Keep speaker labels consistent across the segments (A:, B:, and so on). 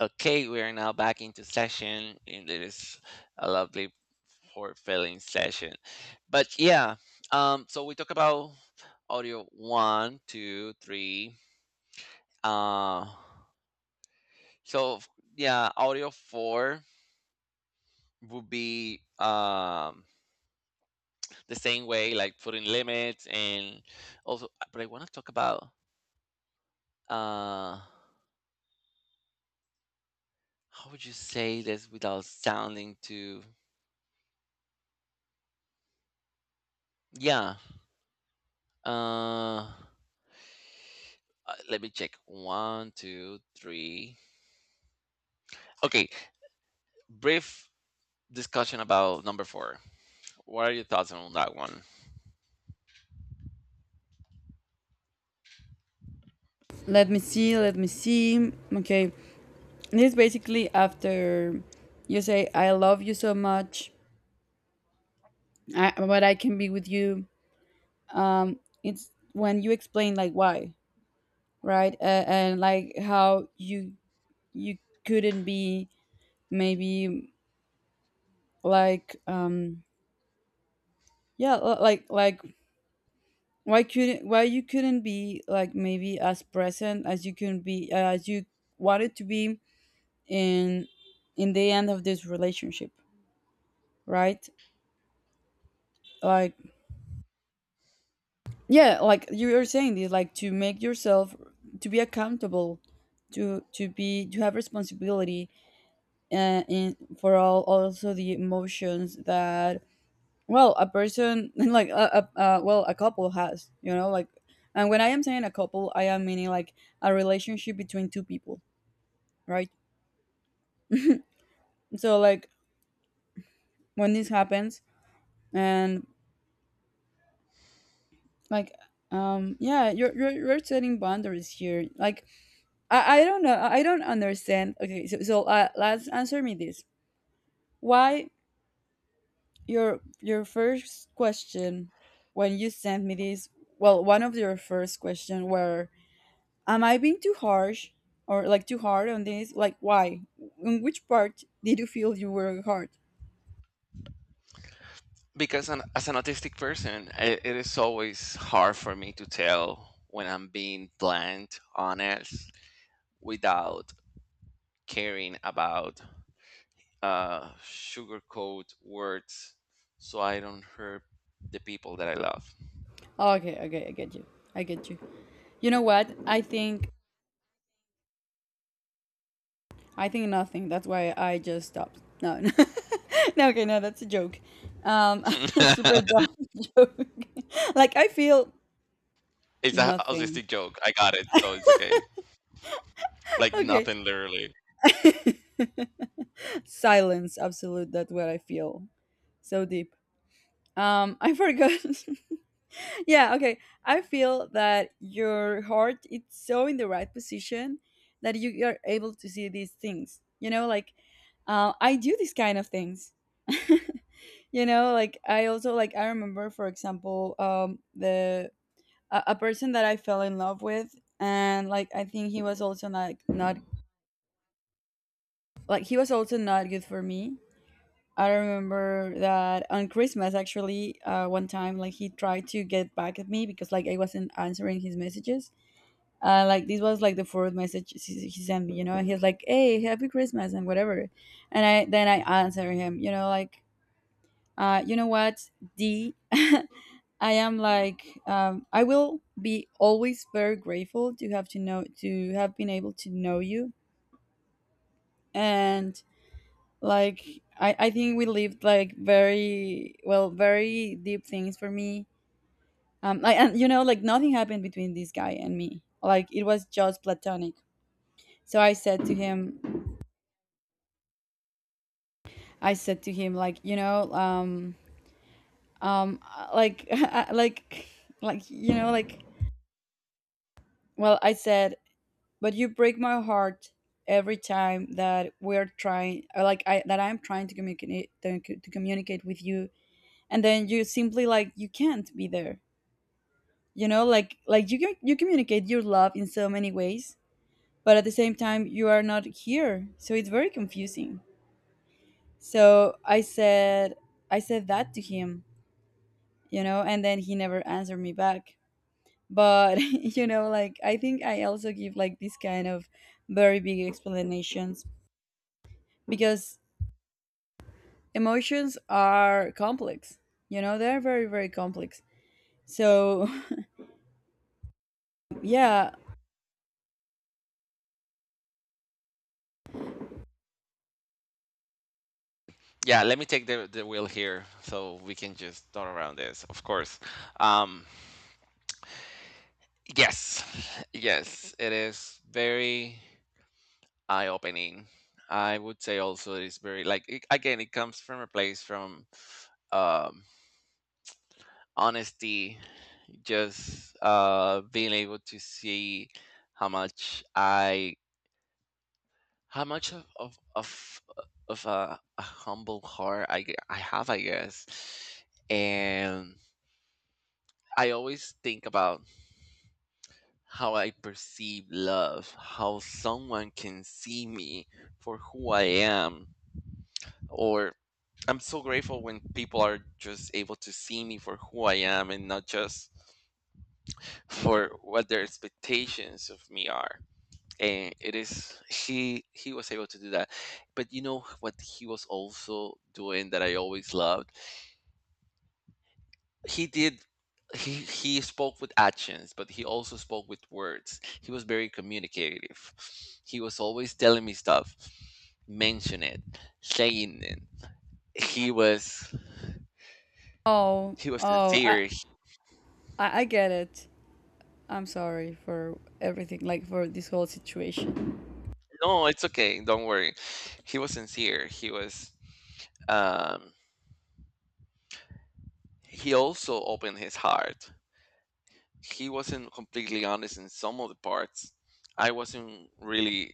A: Okay, we are now back into session, and it is a lovely for filling session. But yeah, so we talk about audio one, two, three. Uh, so f- yeah, audio four would be the same way, like putting limits, and also. But I want to talk about uh, how would you say this without sounding too? Yeah. uh. Let me check. One, two, three. Okay, brief discussion about number four. What are your thoughts on that one?
B: Let me see, let me see. Okay, this is basically after you say, "I love you so much, but I can be with you." It's when you explain like why, right, and like how you couldn't be, maybe, like, yeah, why couldn't, why you couldn't be, like, maybe as present as you can be, as you wanted to be in in the end of this relationship, right, like, yeah, like you were saying this, like to make yourself, to be accountable, to be to have responsibility, in, for all, also the emotions that, well, a person like, a, well, a couple has, you know, like. And when I am saying a couple, I am meaning like a relationship between two people, right? So, like, when this happens, and, like, yeah, you're setting boundaries here, like, I don't know. I don't understand. Okay, so, let's answer me this. Why, your first question when you sent me this? Well, one of your first question were, "Am I being too harsh or like too hard on this? Like, why? In which part did you feel you were hard?"
A: Because as an autistic person, I it is always hard for me to tell when I'm being blunt, honest, without caring about sugarcoat words so I don't hurt the people that I love.
B: Okay, okay, I get you. I get you. You know what? I think nothing. That's why I just stopped. No, no, no, okay, no, that's a joke. Um, a super dumb joke. Like, I feel
A: It's a
B: nothing.
A: autistic joke. I got it, so it's okay. Like
B: Okay,
A: nothing, literally.
B: silence. Absolute. That's what I feel. So deep. I forgot. Yeah. Okay, I feel that your heart is so in the right position that you are able to see these things, you know, like, I do these kind of things. You know, like, I also, like, I remember, for example, the, a person that I fell in love with, and, like, I think he was also not good for me. I remember that on Christmas, actually, one time, like, he tried to get back at me because, like, I wasn't answering his messages. Like, this was like the fourth message he sent me, you know, and he's like, "Hey, happy Christmas," and whatever. And I then I answer him, you know, like, you know what, d I am like, I will be always very grateful to have been able to know you. And, like, I think we lived like very well, very deep things for me. Like, and you know, like, nothing happened between this guy and me, like it was just platonic. So I said to him, like, you know, like, like, you know, like, well, I said, but you break my heart every time that we're trying, or, like, I that I'm trying to communicate, to communicate with you, and then you simply, like, you can't be there. You know, like, you communicate your love in so many ways, but at the same time you are not here, so it's very confusing. So I said, that to him, you know, and then he never answered me back. But you know, like, I think I also give like this kind of very big explanations because emotions are complex, you know, they're very, very complex. So yeah.
A: Yeah, let me take the wheel here so we can just turn around this, of course. Um, yes, yes, it is very eye opening. I would say also it's very, like, again, it comes from a place from um, honesty, just being able to see how much I, how much of a humble heart I have, I guess. And I always think about how I perceive love, how someone can see me for who I am. Or I'm so grateful when people are just able to see me for who I am and not just for what their expectations of me are. And it is he was able to do that. But you know what he was also doing that I always loved? He did he spoke with actions, but he also spoke with words. He was very communicative. He was always telling me stuff, mention it, saying it. he was
B: Oh,
A: he was
B: oh,
A: sincere.
B: I get it. I'm sorry for everything, like, for this whole situation.
A: No, it's okay, don't worry. He was sincere. He was, um he also opened his heart. He wasn't completely honest in some of the parts. I wasn't really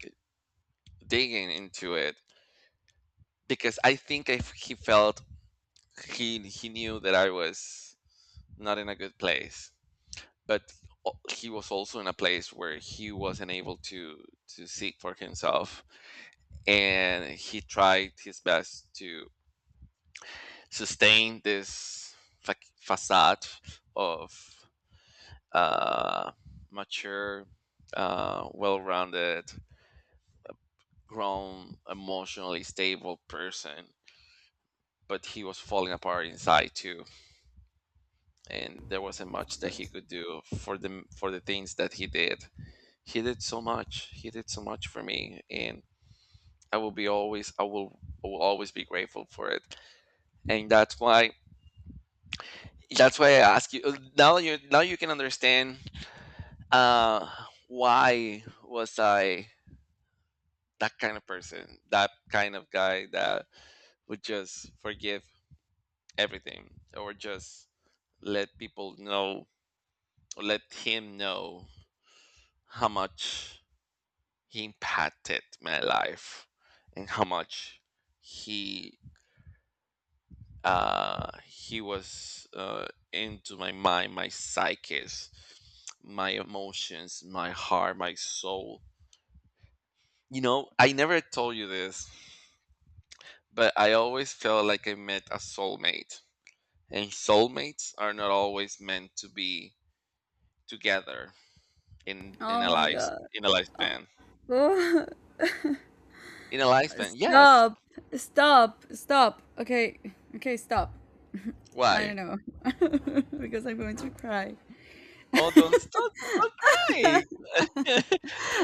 A: digging into it because I think if he felt he knew that I was not in a good place. But he was also in a place where he wasn't able to seek for himself, and he tried his best to sustain this facade of uh, mature, well-rounded, grown, emotionally stable person, but he was falling apart inside too, and there wasn't
B: Of
A: much that he
B: course.
A: could do for the things that he did. He did so much. He did so much for me, and I will always be grateful for it. And that's why I ask you now. You now you can understand uh, why was I that kind of person, that kind of guy that would just forgive everything, or just let people know or let him know how much he impacted my life, and how much he was into my mind, my psyches, my emotions, my heart, my soul. You know, I never told you this, but I always felt like I met a soulmate, and soulmates are not always meant to be together in
B: Oh
A: a
B: my
A: life
B: God.
A: in a lifespan. In a lifespan, yes.
B: Stop. Stop, stop, okay. Okay, stop. I
A: Why?
B: don't know. Because I'm going to cry.
A: Oh, don't stop, don't cry.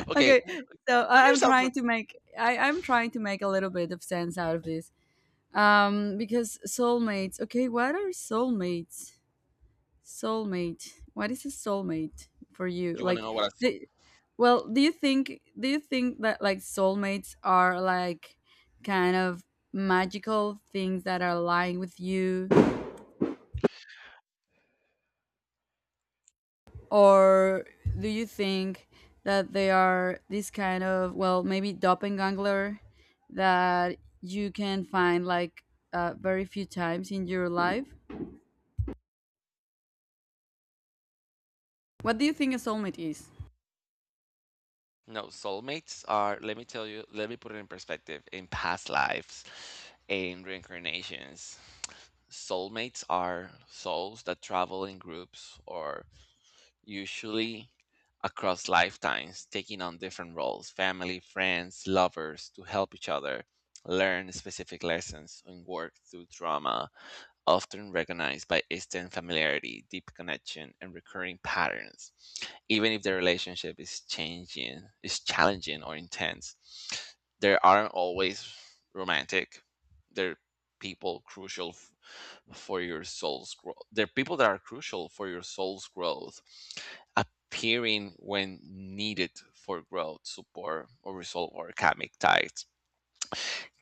A: Okay,
B: Okay, so
A: put
B: I'm
A: yourself in.
B: trying to make, I'm trying to make a little bit of sense out of this. Because soulmates. Okay, what are soulmates? Soulmate. What is a soulmate for you?
A: You want to
B: Like
A: know what a soul?
B: the well, do you think, that, like, soulmates are like kind of magical things that are lying with you, or do you think that they are this kind of, well, maybe doppelganger that you can find, like, very few times in your life? What do you think a soulmate is?
A: No, soulmates are, let me tell you, let me put it in perspective, in past lives, in reincarnations. Soulmates are souls that travel in groups, or usually across lifetimes, taking on different roles, family, friends, lovers, to help each other learn specific lessons and work through trauma, often recognized by instant familiarity, deep connection, and recurring patterns, even if the relationship is changing, is challenging or intense. There aren't always romantic. They're people crucial f- For your soul's growth. They're people that are crucial for your soul's growth, appearing when needed for growth, support, or resolve, or karmic ties.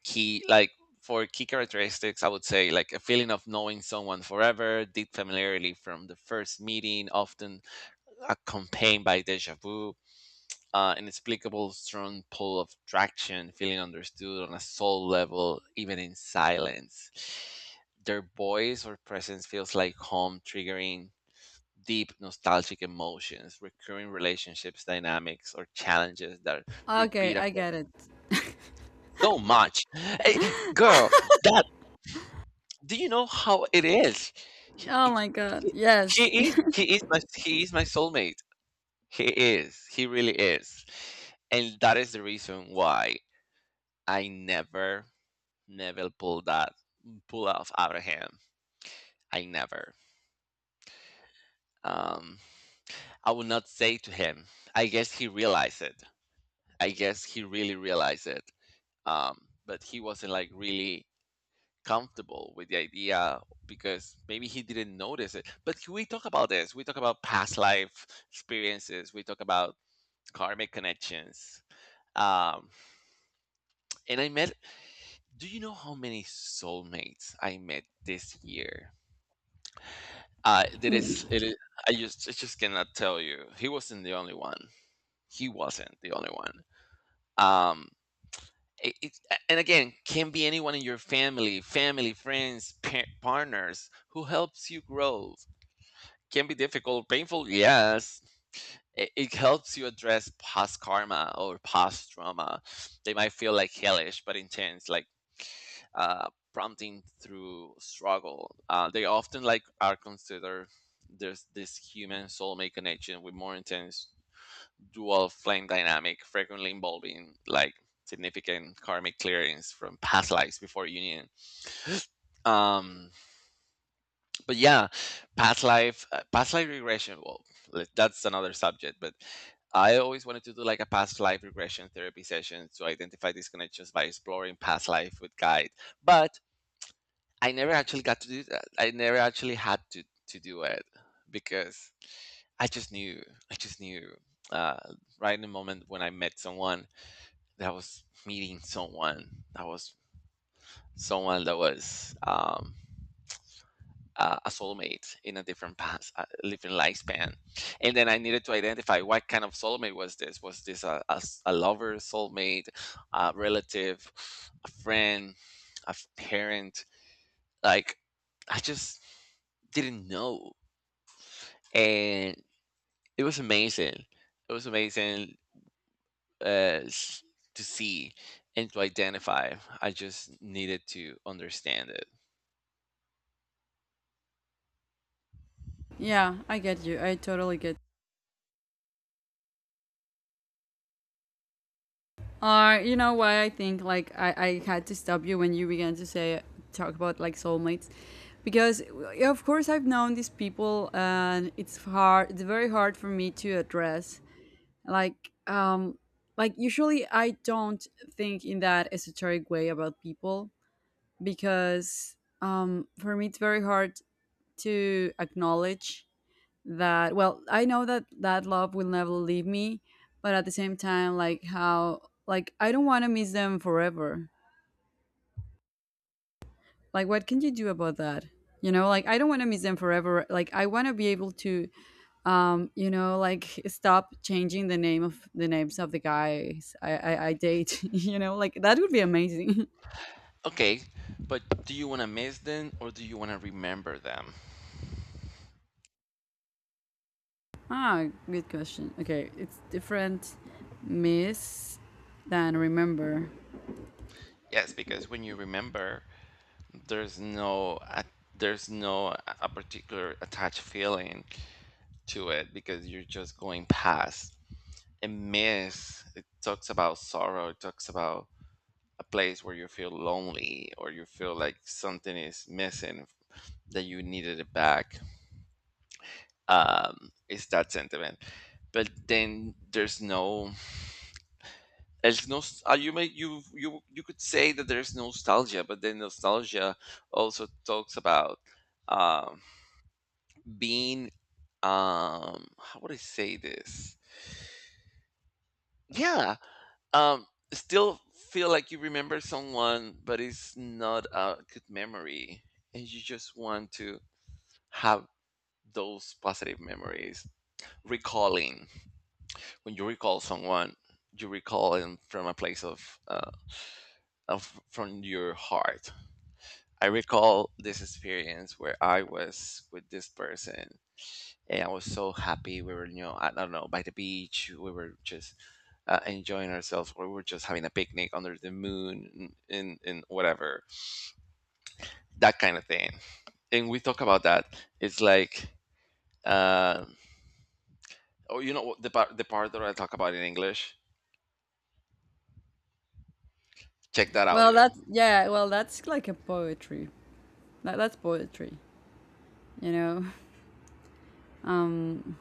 A: He like For key characteristics, I would say like a feeling of knowing someone forever, deep familiarity from the first meeting, often accompanied by deja vu, inexplicable strong pull of traction, feeling understood on a soul level even in silence. Their voice or presence feels like home, triggering deep nostalgic emotions, recurring relationships dynamics or challenges that
B: Okay,
A: repeat
B: I
A: across
B: get it.
A: so much. Hey, girl, that, do you know how it is? He,
B: Oh
A: he,
B: my God,
A: he
B: yes.
A: he is my, he is my soulmate. He is. He really is. And that is the reason why I never, never pull that, pull off out of him. I never. Um I would not say to him. I guess he realized it. I guess he really realized it. But he wasn't like really comfortable with the idea because maybe he didn't notice it. But we talk about this. We talk about past life experiences. We talk about karmic connections. Um, and I met. Do you know how many soulmates I met this year? There is. It is. I just. I just cannot tell you. He wasn't the only one. He wasn't the only one. Um, it, it, and again, can be anyone in your family, family, friends, partners who helps you grow, can be difficult, painful, yes. It helps you address past karma or past trauma. They might feel like hellish but intense, like prompting through struggle. They often like are considered there's this human soulmate connection with more intense dual flame dynamic, frequently involving like significant karmic clearance from past lives before union. Um, but yeah, past life regression, that's another subject, but I always wanted to do like a past life regression therapy session to identify these connections by exploring past life with guide, but I never actually got to do that. I never actually had to do it because I just knew, I just knew, uh, right in the moment when I met someone, that I was meeting someone that was, someone that was a soulmate in a different past, a different lifespan. And then I needed to identify what kind of soulmate was this? Was this a a lover, soulmate, a relative, a friend, a parent? Like, I just didn't know. And it was amazing. It was amazing uh, s- to see and to identify. I just needed to understand it.
B: Yeah, I get you, I totally get. You know why I think, like, I had to stop you when you began to say talk about, like, soulmates, because, of course I've known these people and it's hard. It's very hard for me to address. Like, like, usually I don't think in that esoteric way about people because, for me it's very hard to acknowledge that, well, I know that that love will never leave me, but at the same time, like, how, like, I don't want to miss them forever. Like, what can you do about that? You know, like, I don't want to miss them forever, like, I want to be able to, you know, like, stop changing the names of the guys I date. You know, like, that would be amazing.
A: Okay, but do you want to miss them or do you want to remember them?
B: Ah, good question. Okay, it's different, miss than remember.
A: Yes, because when you remember, there's no a- there's no a particular attached feeling to it because you're just going past. And miss, it talks about sorrow. It talks about a place where you feel lonely or you feel like something is missing that you needed it back. It's that sentiment. But then there's no, there's no, you may you could say that there's nostalgia, but then nostalgia also talks about um, being, how would I say this? Yeah, um, still feel like you remember someone, but it's not a good memory, and you just want to have those positive memories. Recalling, when you recall someone, you recall them from a place of from your heart. I recall this experience where I was with this person and I was so happy. We were, you know, I don't know, by the beach. We were just enjoying ourselves. Or we were just having a picnic under the moon and whatever, that kind of thing. And we talk about that. It's like, uh, oh, you know, what the part that I talk about in English? Check that
B: Well,
A: audio.
B: that's, yeah, well, that's like a poetry. Like, that's poetry, you know. Um,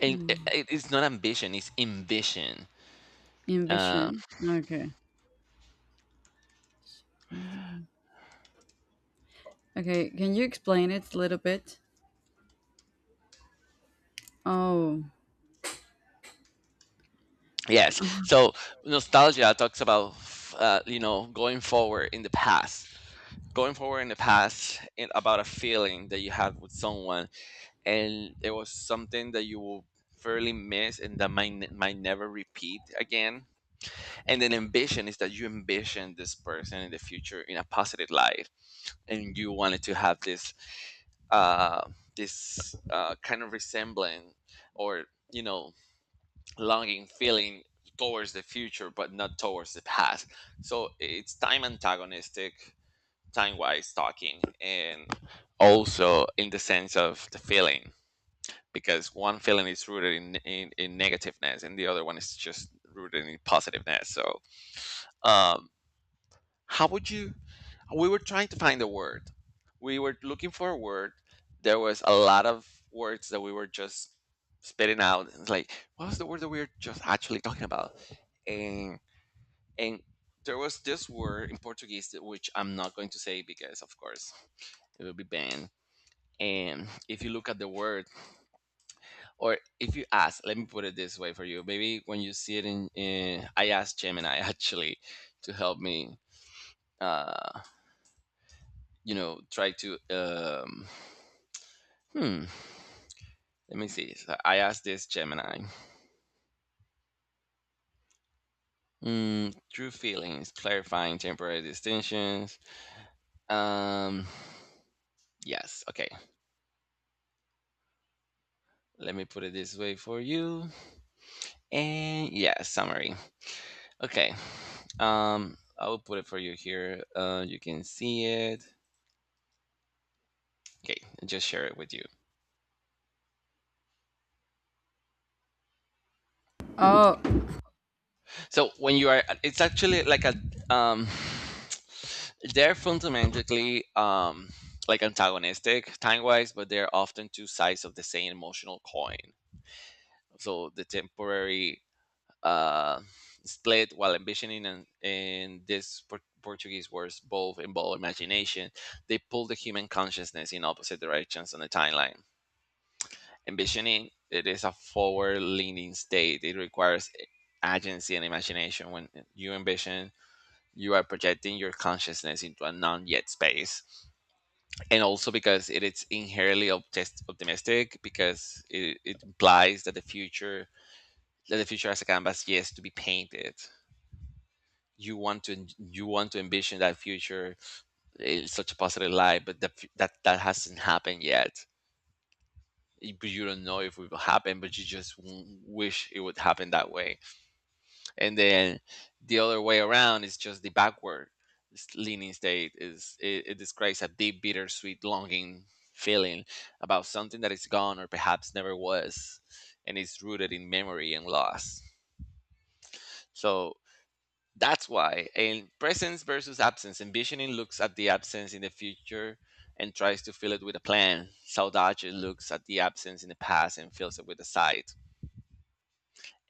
A: And it,
B: hmm,
A: it's not ambition, it's ambition. Uh,
B: ambition. Okay. Okay. Can you explain it a little bit? Oh.
A: Yes. So nostalgia talks about, you know, going forward in the past, going forward in the past, and about a feeling that you had with someone, and it was something that you will fairly miss and that might never repeat again. And then ambition is that you envision this person in the future in a positive light, and you wanted to have this uh, kind of resembling, or you know, longing feeling towards the future but not towards the past. So it's time antagonistic, time wise talking, and also in the sense of the feeling, because one feeling is rooted in negativeness and the other one is just rooted in positiveness. So um how would you? We were trying to find a word. We were looking for a word. There was a lot of words that we were just spitting out. It's like, what was the word that we were just actually talking about? And and there was this word in Portuguese that- which I'm not going to say because, of course, it will be banned. And if you look at the word, or if you ask, let me put it this way for you. Maybe when you see it in, I asked Gemini actually to help me. Uh, you know, try to hmm. Let me see. So I asked this Gemini. Mm, true feelings, clarifying temporary distinctions. Um, yes. Okay. Let me put it this way for you. And yeah, summary. Okay. I will put it for you here. You can see it. Okay, just share it with you.
B: Oh.
A: So when you are, it's actually like um, they're fundamentally like antagonistic time wise, but they're often two sides of the same emotional coin. So the temporary uh, split, while ambitioning and in this Portuguese words both involve imagination, they pull the human consciousness in opposite directions on the timeline. Ambitioning it is a forward leaning state. It requires agency and imagination. When you ambition you are projecting your consciousness into a non yet space. And also because it is inherently optimistic, because it implies that the future, that the future as a canvas yes to be painted. You want to envision that future in such a positive light, but that hasn't happened yet. But you don't know if it will happen, but you just wish it would happen that way. And then the other way around is just the backward leaning state. It describes a deep bittersweet longing feeling about something that is gone or perhaps never was, and is rooted in memory and loss. So that's why in presence versus absence envisioning looks at the absence in the future and tries to fill it with a plan. Saudade looks at the absence in the past and fills it with a sight.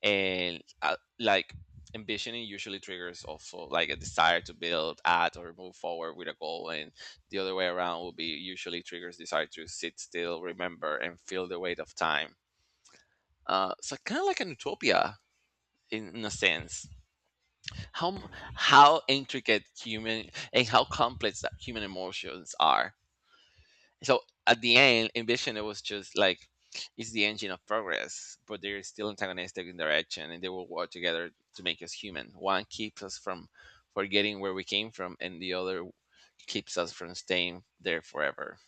A: And like ambitioning usually triggers also like a desire to build, add, or move forward with a goal, and the other way around will be usually triggers desire to sit still, remember and feel the weight of time. So kind of like an utopia, in a sense. how m- how intricate human and how complex that human emotions are. So at the end ambition it was just like it's the engine of progress, but they're still antagonistic in direction, and they will work together to make us human. One keeps us from forgetting where we came from, and the other keeps us from staying there forever.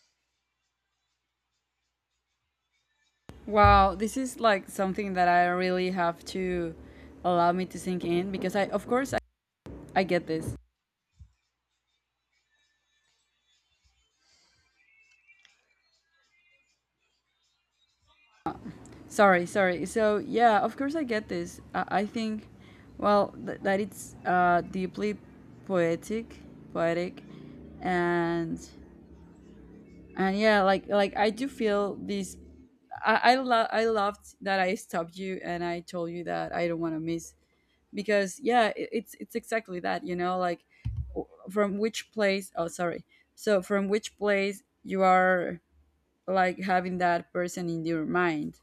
B: Wow. This is like something that I really have to allow me to sink in because, of course, I get this. Sorry. Sorry. So, yeah, of course I get this. I think, well, that it's, deeply poetic, poetic, and and yeah, like I do feel this. I loved that I stopped you, and I told you that I don't want to miss, because, yeah, it's exactly that, you know, like, from which place, oh, sorry, so from which place you are, like, having that person in your mind,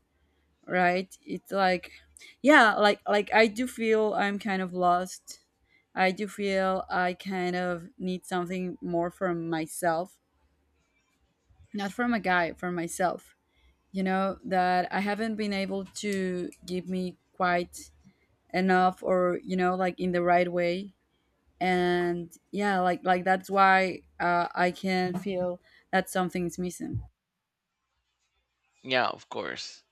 B: right? It's like, yeah, like, I do feel I'm kind of lost. I do feel I kind of need something more from myself, not from a guy, from myself. You know, that I haven't been able to give me quite enough, or, you know, like, in the right way. And, yeah, like, that's why, I can feel that something's missing.
A: Yeah, of course.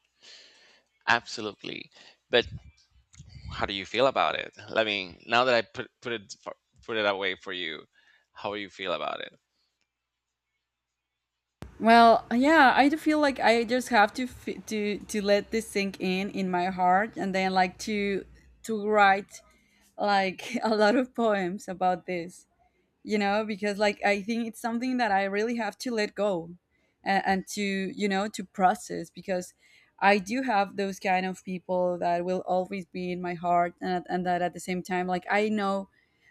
A: Absolutely. But how do you feel about it? I mean, now that I put it away for you, how you feel about it?
B: Well, yeah, I do feel like I just have to, let this sink in my heart, and then, like, to write, like, a lot of poems about this. You know, because, like, I think it's something that I really have to let go, and to, you know, to process, because I do have those kind of people that will always be in my heart, and that at the same time, like, I know,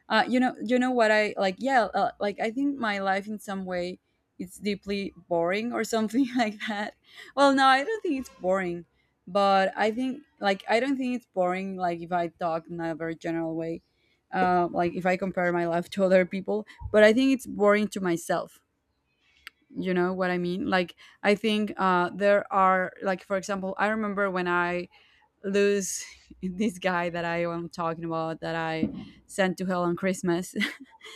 B: you know, you know what I like yeah, like, I think my life in some way, it's deeply boring or something, like that. Well, no, I don't think it's boring. But I think, like, I don't think it's boring, like, if I talk in a very general way, like, if I compare my life to other people. But I think it's boring to myself. You know what I mean? Like, I think, there are, like, for example, I remember when I lose this guy that I am talking about that I sent to hell on Christmas.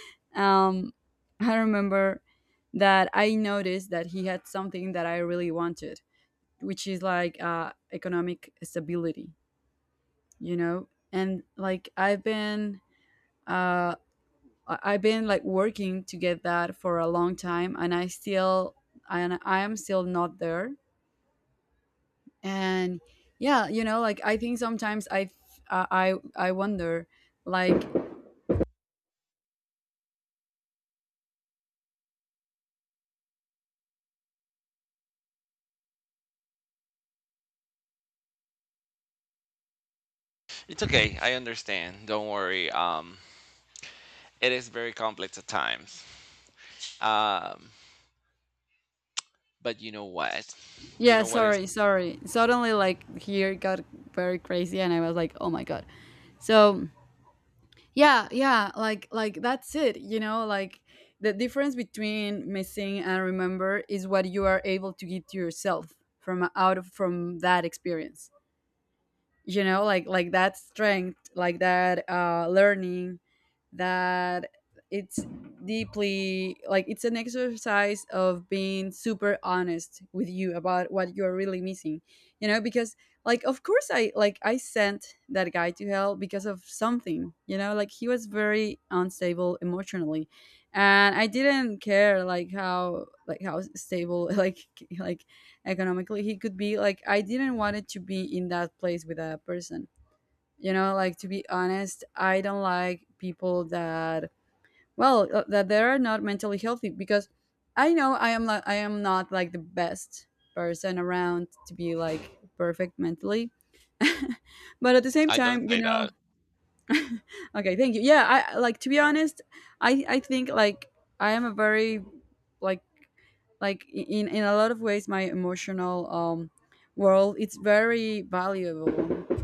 B: um, I remember that I noticed that he had something that I really wanted, which is like, economic stability, you know? And, like, I've been. Uh, I've been, like, working to get that for a long time, and I am still not there. And, yeah, you know, like, I think sometimes I th- I I wonder, like,
A: It's okay, I understand, don't worry. It is very complex at times. Um, but you know what? You
B: yeah,
A: know what is.
B: sorry, sorry. Suddenly, like, here got very crazy, and I was like, "Oh my God." So, yeah, yeah, like that's it. You know, like, the difference between missing and remember is what you are able to give to yourself, from out of from that experience, you know, like, that strength, like that, learning, that it's deeply, like, it's an exercise of being super honest with you about what you're really missing. You know, because, like, of course, I sent that guy to hell because of something, you know, like he was very unstable emotionally, and I didn't care, like, how, like, how stable like economically he could be. Like, I didn't want it to be in that place with that person, you know, like, to be honest, I don't like people that, well, that they are not mentally healthy, because I know I am, like, I am not like the best person around to be like perfect mentally. But at the same
A: I don't
B: time, you
A: say that.
B: know. Okay, thank you. Yeah, I like to be honest. I think, like, I am a very, like, in a lot of ways my emotional, world, it's very valuable.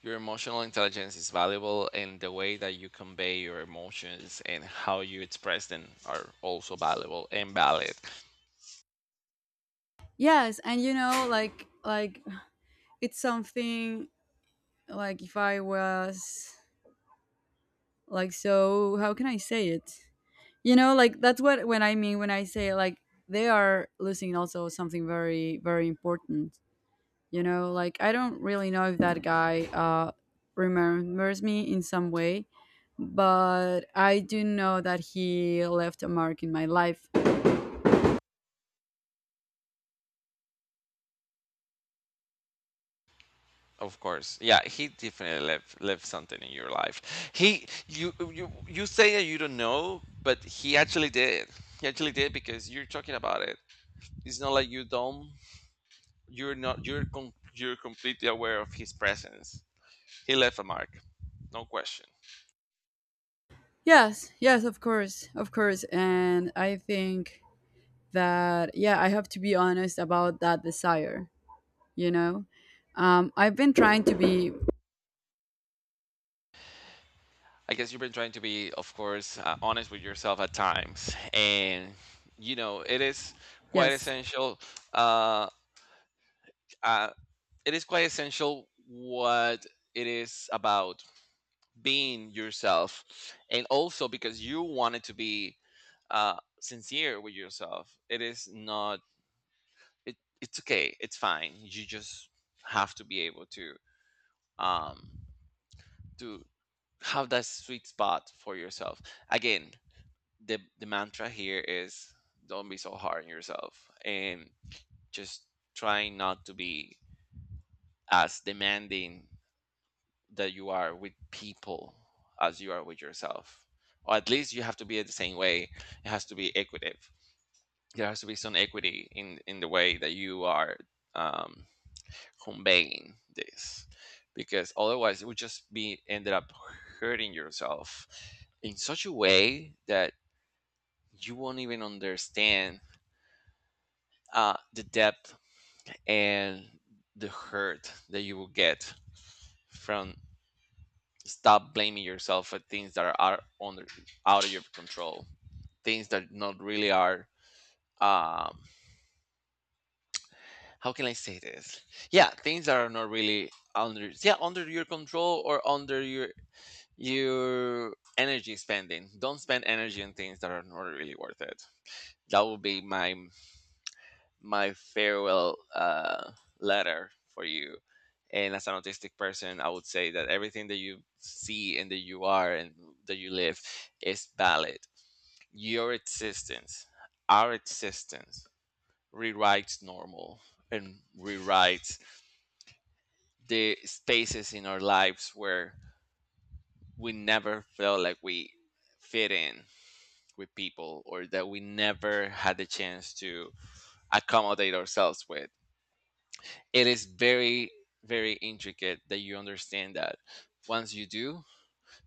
A: Your emotional intelligence is valuable, and the way that you convey your emotions and how you express them are also valuable and valid.
B: Yes. And, you know, like it's something, like, if I was, like, so how can I say it? You know, like, that's what when I say, like, they are losing also something very, very important. You know, like, I don't really know if that guy, remembers me in some way, but I do know that he left a mark in my life.
A: Of course, yeah, he definitely left something in your life. He, you say that you don't know, but he actually did. He actually did because you're talking about it. It's not like you don't. You're not. You're you're completely aware of his presence. He left a mark, no question.
B: Yes, yes, of course, of course. And I think that, yeah, I have to be honest about that desire, you know? I've been trying to be,
A: I guess you've been trying to be, of course, honest with yourself at times, and you know it is quite
B: yes.
A: essential. Uh, uh, it is quite essential what it is about being yourself, and also because you wanted to be sincere with yourself. It is not. It, it's okay. It's fine. You just have to be able to um, to have that sweet spot for yourself. Again, the mantra here is don't be so hard on yourself, and just trying not to be as demanding that you are with people as you are with yourself, or at least you have to be the same way. It has to be equitative. There has to be some equity in the way that you are um, conveying this, because otherwise it would just be ended up hurting yourself in such a way that you won't even understand the depth and the hurt that you will get from stop blaming yourself for things that are out, under, out of your control. Things that not really are um how can I say this yeah, things that are not really under, yeah, under your control or under your energy spending. Don't spend energy on things that are not really worth it. That would be my my farewell letter for you. And as an autistic person, I would say that everything that you see and that you are and that you live is valid. Your existence, our existence, rewrites normal and rewrites the spaces in our lives where we never felt like we fit in with people, or that we never had the chance to accommodate ourselves with. It is very very intricate that you understand that. Once you do,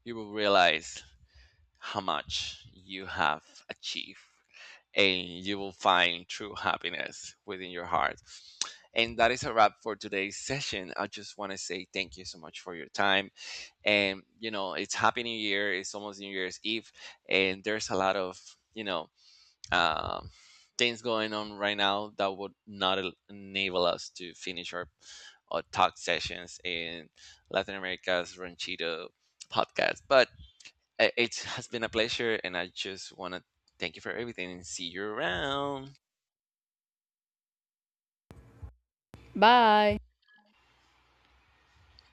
A: you will realize how much you have achieved, and you will find true happiness within your heart. And that is a wrap for today's session. I just want to say thank you so much for your time. And you know, it's happy new year, it's almost new year's eve, and there's a lot of, you know, um, things going on right now that would not enable us to finish our talk sessions in Latin America's Ranchito podcast. But it has been a pleasure, and I just want to thank you for everything and see you around.
B: Bye.